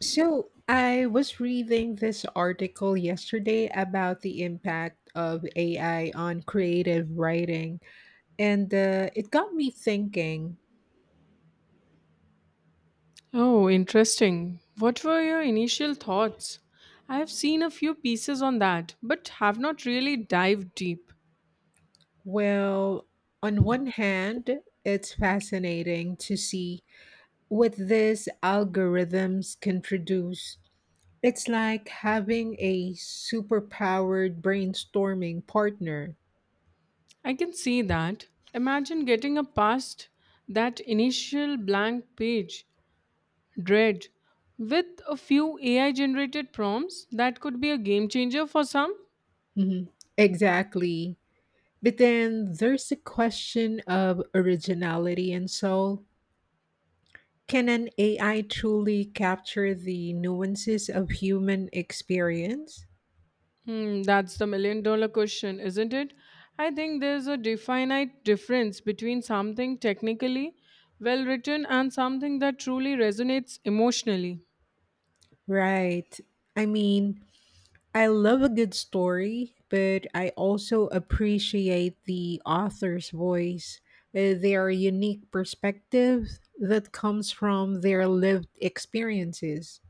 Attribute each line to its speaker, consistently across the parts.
Speaker 1: So, I was reading this article yesterday about the impact of AI on creative writing, and it got me thinking.
Speaker 2: Oh, interesting. What were your initial thoughts? I have seen a few pieces on that, but have not really dived deep.
Speaker 1: Well, on one hand, it's fascinating to see what these algorithms can produce. It's like having a superpowered brainstorming partner.
Speaker 2: I can see that. Imagine getting a past that initial blank page, dread, with a few AI generated prompts that could be a game changer for some.
Speaker 1: Mhm. Exactly. But then there's the question of originality and soul. Can an AI truly capture the nuances of human experience?
Speaker 2: Hmm, that's the $1 million question, isn't it? I think there's a definite difference between something technically well written and something that truly resonates emotionally.
Speaker 1: Right. I mean, I love a good story, but I also appreciate the author's voice, their unique perspective that comes from their lived experiences.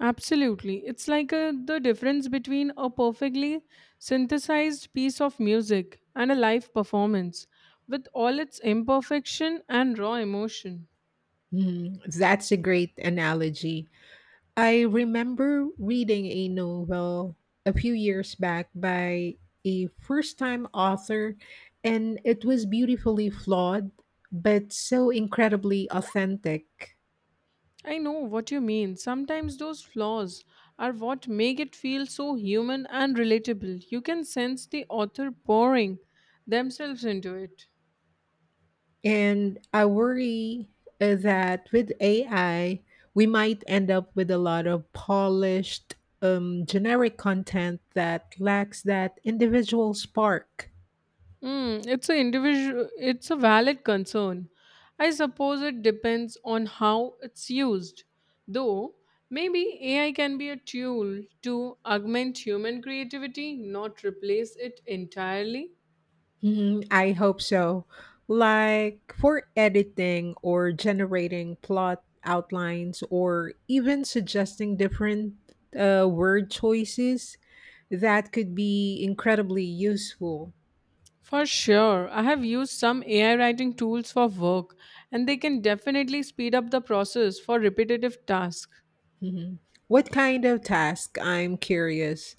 Speaker 2: Absolutely. It's like the difference between a perfectly synthesized piece of music and a live performance with all its imperfection and raw emotion.
Speaker 1: Hmm, that's a great analogy. I remember reading a novel a few years back by a first time author, and it was beautifully flawed, but so incredibly authentic.
Speaker 2: I know what you mean. Sometimes those flaws are what make it feel so human and relatable. You can sense the author pouring themselves into it.
Speaker 1: And I worry that with AI, we might end up with a lot of polished, generic content that lacks that individual spark.
Speaker 2: Mm, it's a individual. It's a valid concern. I suppose it depends on how it's used. Though maybe AI can be a tool to augment human creativity, not replace it entirely.
Speaker 1: Mhm, I hope so. Like for editing or generating plot outlines or even suggesting different word choices, that could be incredibly useful.
Speaker 2: For sure. I have used some AI writing tools for work, and they can definitely speed up the process for repetitive tasks,
Speaker 1: Mhm. What kind of task? I'm curious.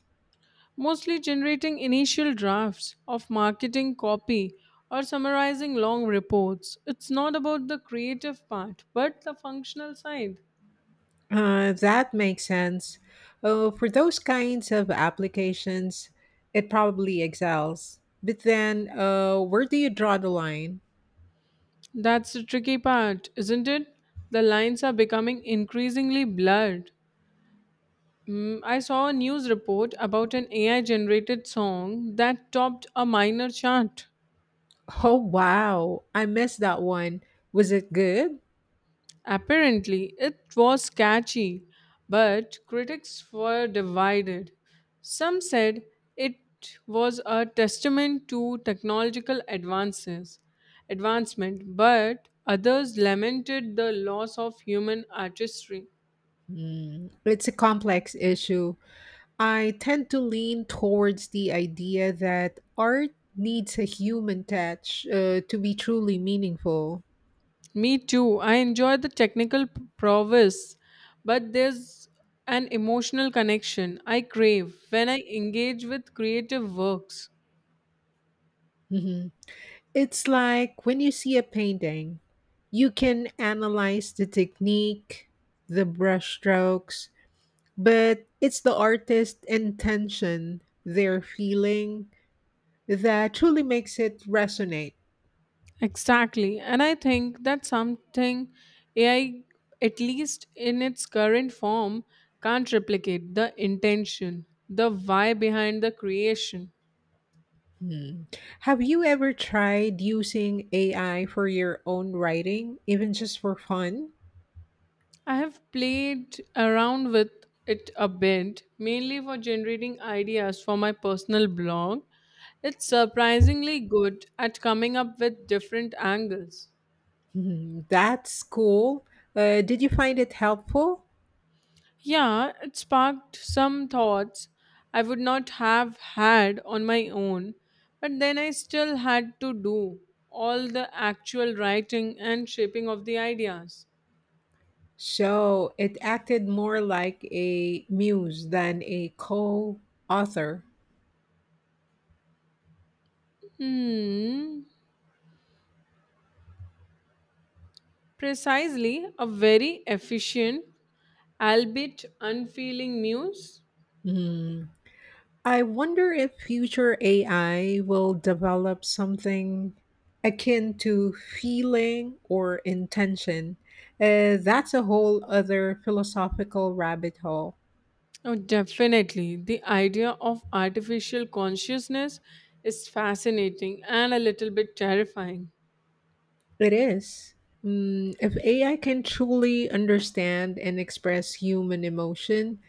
Speaker 2: mostly generating initial drafts of marketing copy or summarizing long reports. It's not about the creative part, but the functional side.
Speaker 1: That makes sense. For those kinds of applications, it probably excels. But then, where do you draw the line?
Speaker 2: That's the tricky part, isn't it? The lines are becoming increasingly blurred. Mm, I saw a news report about an AI generated song that topped a minor chart.
Speaker 1: Oh wow, I missed that one. Was it good?
Speaker 2: Apparently, it was catchy, but critics were divided. Some said it was a testament to technological advancement, but others lamented the loss of human artistry.
Speaker 1: Mm, it's a complex issue. I tend to lean towards the idea that art needs a human touch to be truly meaningful.
Speaker 2: Me too. I enjoy the prowess, but there's an emotional connection I crave when I engage with creative works.
Speaker 1: Mhm. It's like when you see a painting, you can analyze the technique, the brushstrokes, but it's the artist's intention, their feeling, that truly makes it resonate.
Speaker 2: Exactly. And I think that's something AI, at least in its current form, can't replicate the intention, the why behind the creation.
Speaker 1: Hmm. Have you ever tried using AI for your own writing, even just for fun?
Speaker 2: I have played around with it a bit, mainly for generating ideas for my personal blog. It's surprisingly good at coming up with different angles.
Speaker 1: Hmm, that's cool. Did you find it helpful?
Speaker 2: Yeah, it sparked some thoughts I would not have had on my own, but then I still had to do all the actual writing and shaping of the ideas.
Speaker 1: So it acted more like a muse than a co author.
Speaker 2: Hmm, precisely, a very efficient, albeit unfeeling muse.
Speaker 1: Hmm. I wonder if future AI will develop something akin to feeling or intention. That's a whole other philosophical rabbit hole.
Speaker 2: Oh, definitely. The idea of artificial consciousness is fascinating and a little bit terrifying.
Speaker 1: It is. Mm, if AI can truly understand and express human emotion,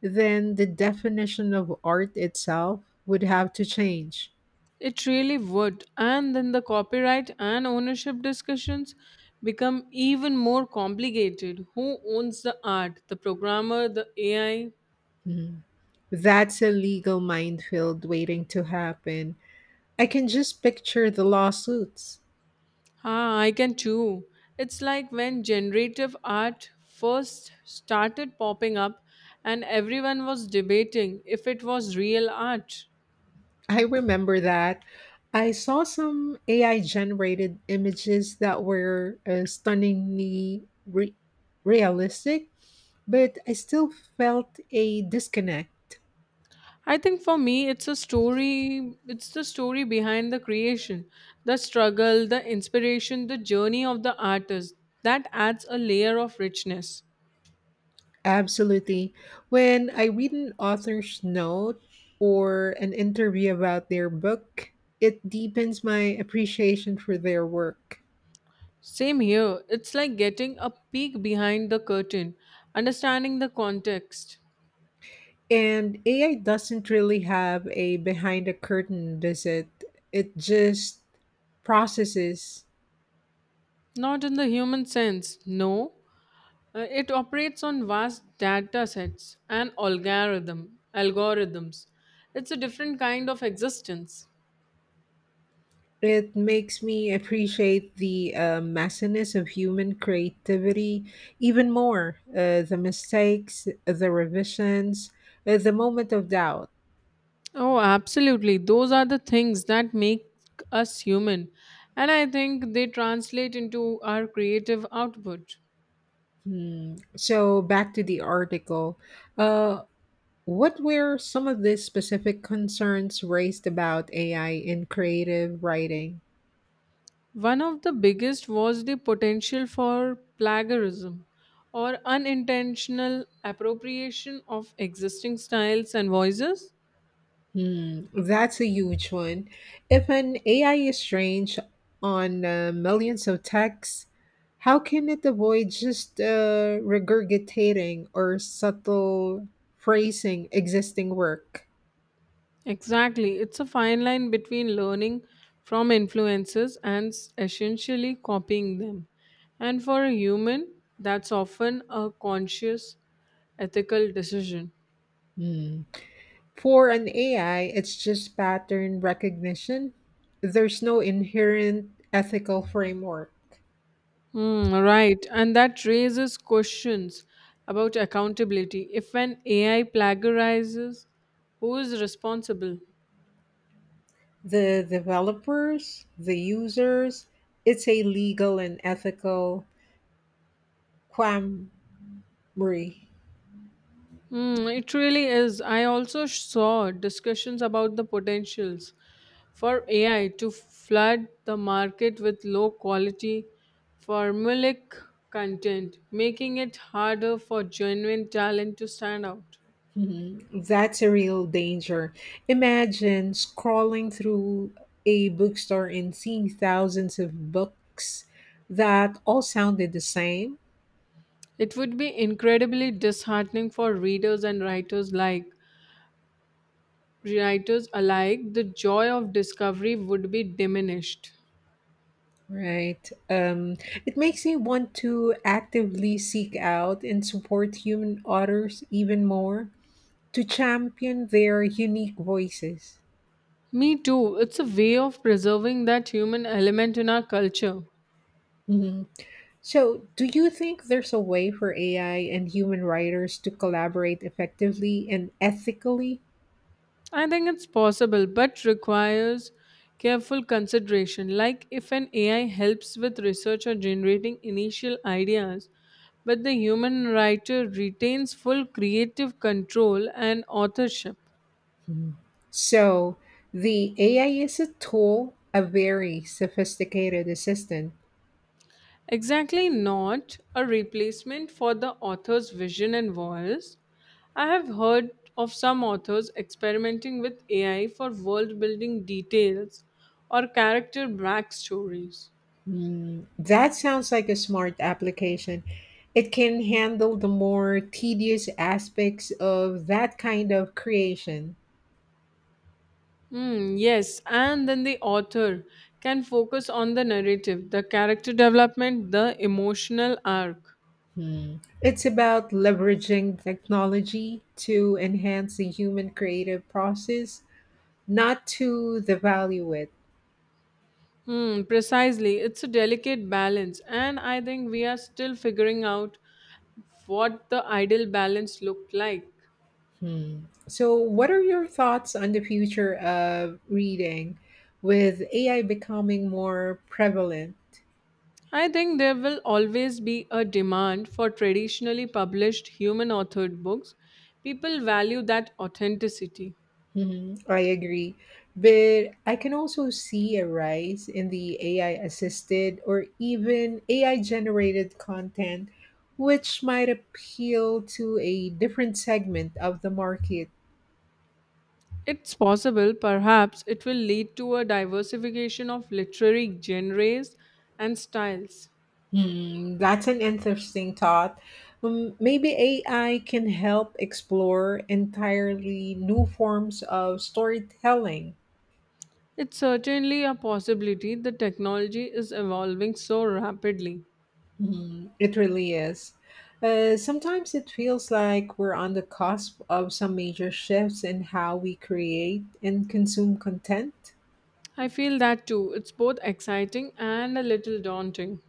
Speaker 1: then the definition of art itself would have to change.
Speaker 2: It really would. And then the copyright and ownership discussions become even more complicated. Who owns the art? The programmer, the AI?
Speaker 1: Mhm. That's a legal minefield waiting to happen. I can just picture the lawsuits.
Speaker 2: Ah, I can too. It's like when generative art first started popping up and everyone was debating if it was real art.
Speaker 1: I remember that. I saw some AI generated images that were realistic. But I still felt a disconnect,
Speaker 2: I think for me, it's the story behind the creation, the struggle, the inspiration, the journey of the artist that adds a layer of richness.
Speaker 1: absolutely. When I read an author's note or an interview about their book, it deepens my appreciation for their work.
Speaker 2: Same here, it's like getting a peek behind the curtain, understanding the context.
Speaker 1: And AI doesn't really have a behind the curtain visit, it just processes.
Speaker 2: Not in the human sense, no. It operates on vast data sets and algorithms. It's a different kind of existence.
Speaker 1: It makes me appreciate the messiness of human creativity even more. The mistakes, the revisions, the moment of doubt.
Speaker 2: Oh, absolutely. Those are the things that make us human. And I think they translate into our creative output.
Speaker 1: Hmm. So, back to the article. Uh, what were some of the specific concerns raised about AI in creative writing?
Speaker 2: One of the biggest was the potential for plagiarism or unintentional appropriation of existing styles and voices.
Speaker 1: Hmm, that's a huge one. If an AI is trained on millions of texts, how can it avoid just regurgitating or subtle phrasing existing work?
Speaker 2: Exactly. It's a fine line between learning from influences and essentially copying them. And for a human, that's often a conscious ethical decision.
Speaker 1: Hmm. For an AI, it's just pattern recognition. There's no inherent ethical framework.
Speaker 2: Hmm, right. And that raises questions about accountability. If an AI plagiarizes, who is responsible?
Speaker 1: The developers, the users, it's a legal and ethical quandary.
Speaker 2: Mm, it really is. I also saw discussions about the potentials for AI to flood the market with low quality formulaic content, making it harder for genuine talent to stand out.
Speaker 1: Mhm. That's a real danger. Imagine scrolling through a bookstore and seeing thousands of books that all sounded the same,
Speaker 2: It would be incredibly disheartening for readers and writers alike. The joy of discovery would be diminished.
Speaker 1: right? It makes me want to actively seek out and support human authors even more to champion their unique voices.
Speaker 2: Me too. It's a way of preserving that human element in our culture.
Speaker 1: Mhm. So, do you think there's a way for AI and human writers to collaborate effectively and ethically?
Speaker 2: I think it's possible, but requires careful consideration. Like if an AI helps with research or generating initial ideas, but the human writer retains full creative control and authorship.
Speaker 1: Mhm. So the AI is a tool, a very sophisticated assistant.
Speaker 2: Exactly, not a replacement for the author's vision and voice. I have heard of some authors experimenting with AI for world building details or character backstories.
Speaker 1: Mm, that sounds like a smart application. It can handle the more tedious aspects of that kind of creation.
Speaker 2: Hmm, yes, and then the author can focus on the narrative, the character development, the emotional arc.
Speaker 1: Hmm. It's about leveraging technology to enhance the human creative process, not to devalue it.
Speaker 2: Hmm, precisely. It's a delicate balance, and I think we are still figuring out what the ideal balance looked like.
Speaker 1: Hmm. So, what are your thoughts on the future of reading with AI becoming more prevalent?
Speaker 2: I think there will always be a demand for traditionally published human authored books. People value that authenticity.
Speaker 1: Mhm, I agree. But I can also see a rise in the AI assisted or even AI generated content, which might appeal to a different segment of the market.
Speaker 2: It's possible, perhaps it will lead to a diversification of literary genres and styles.
Speaker 1: Hmm, that's an interesting thought. Maybe AI can help explore entirely new forms of storytelling.
Speaker 2: It's certainly a possibility the technology is evolving so rapidly.
Speaker 1: Hmm, it really is. Sometimes it feels like we're on the cusp of some major shifts in how we create and consume content.
Speaker 2: I feel that too. It's both exciting and a little daunting.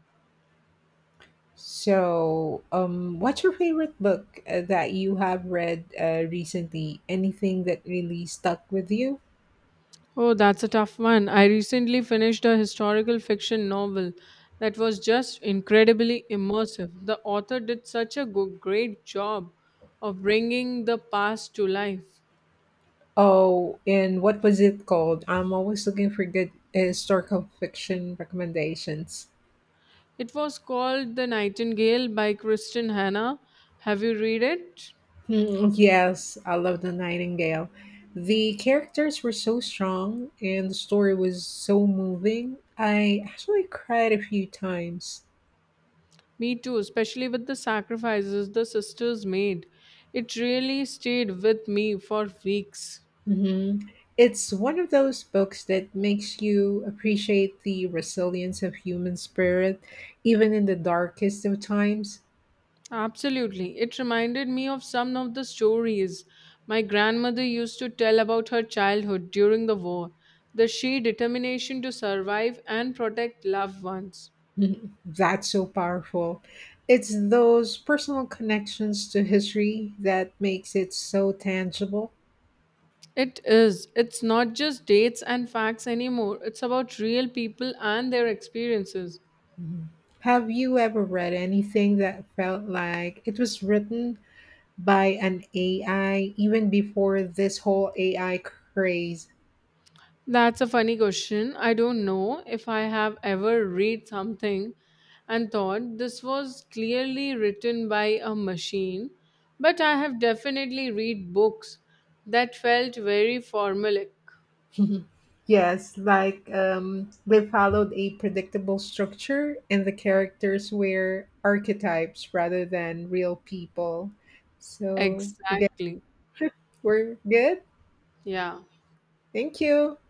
Speaker 1: So, what's your favorite book that you have read recently? Anything that really stuck with you?
Speaker 2: Oh, that's a tough one. I recently finished a historical fiction novel that was just incredibly immersive. The author did such a great job of bringing the past to life.
Speaker 1: Oh, and what was it called? I'm always looking for good historical fiction recommendations.
Speaker 2: It was called The Nightingale by Kristen Hannah. Have you read it?
Speaker 1: Hmm, yes, I love The Nightingale. The characters were so strong and the story was so moving. I actually cried a few times.
Speaker 2: Me too, especially with the sacrifices the sisters made. It really stayed with me for weeks.
Speaker 1: Hmm. It's one of those books that makes you appreciate the resilience of human spirit, even in the darkest of times.
Speaker 2: Absolutely. It reminded me of some of the stories my grandmother used to tell about her childhood during the war, the sheer determination to survive and protect loved ones.
Speaker 1: Mhm. That's so powerful. It's those personal connections to history that makes it so tangible.
Speaker 2: It is. It's not just dates and facts anymore. It's about real people and their experiences.
Speaker 1: Mhm. Have you ever read anything that felt like it was written by an AI even before this whole AI craze?
Speaker 2: That's a funny question. I don't know if I have ever read something and thought this was clearly written by a machine, but I have definitely read books that felt very formulaic.
Speaker 1: Yes, like they followed a predictable structure, and the characters were archetypes rather than real people. So, again,
Speaker 2: Exactly.
Speaker 1: we're good.
Speaker 2: Yeah.
Speaker 1: Thank you.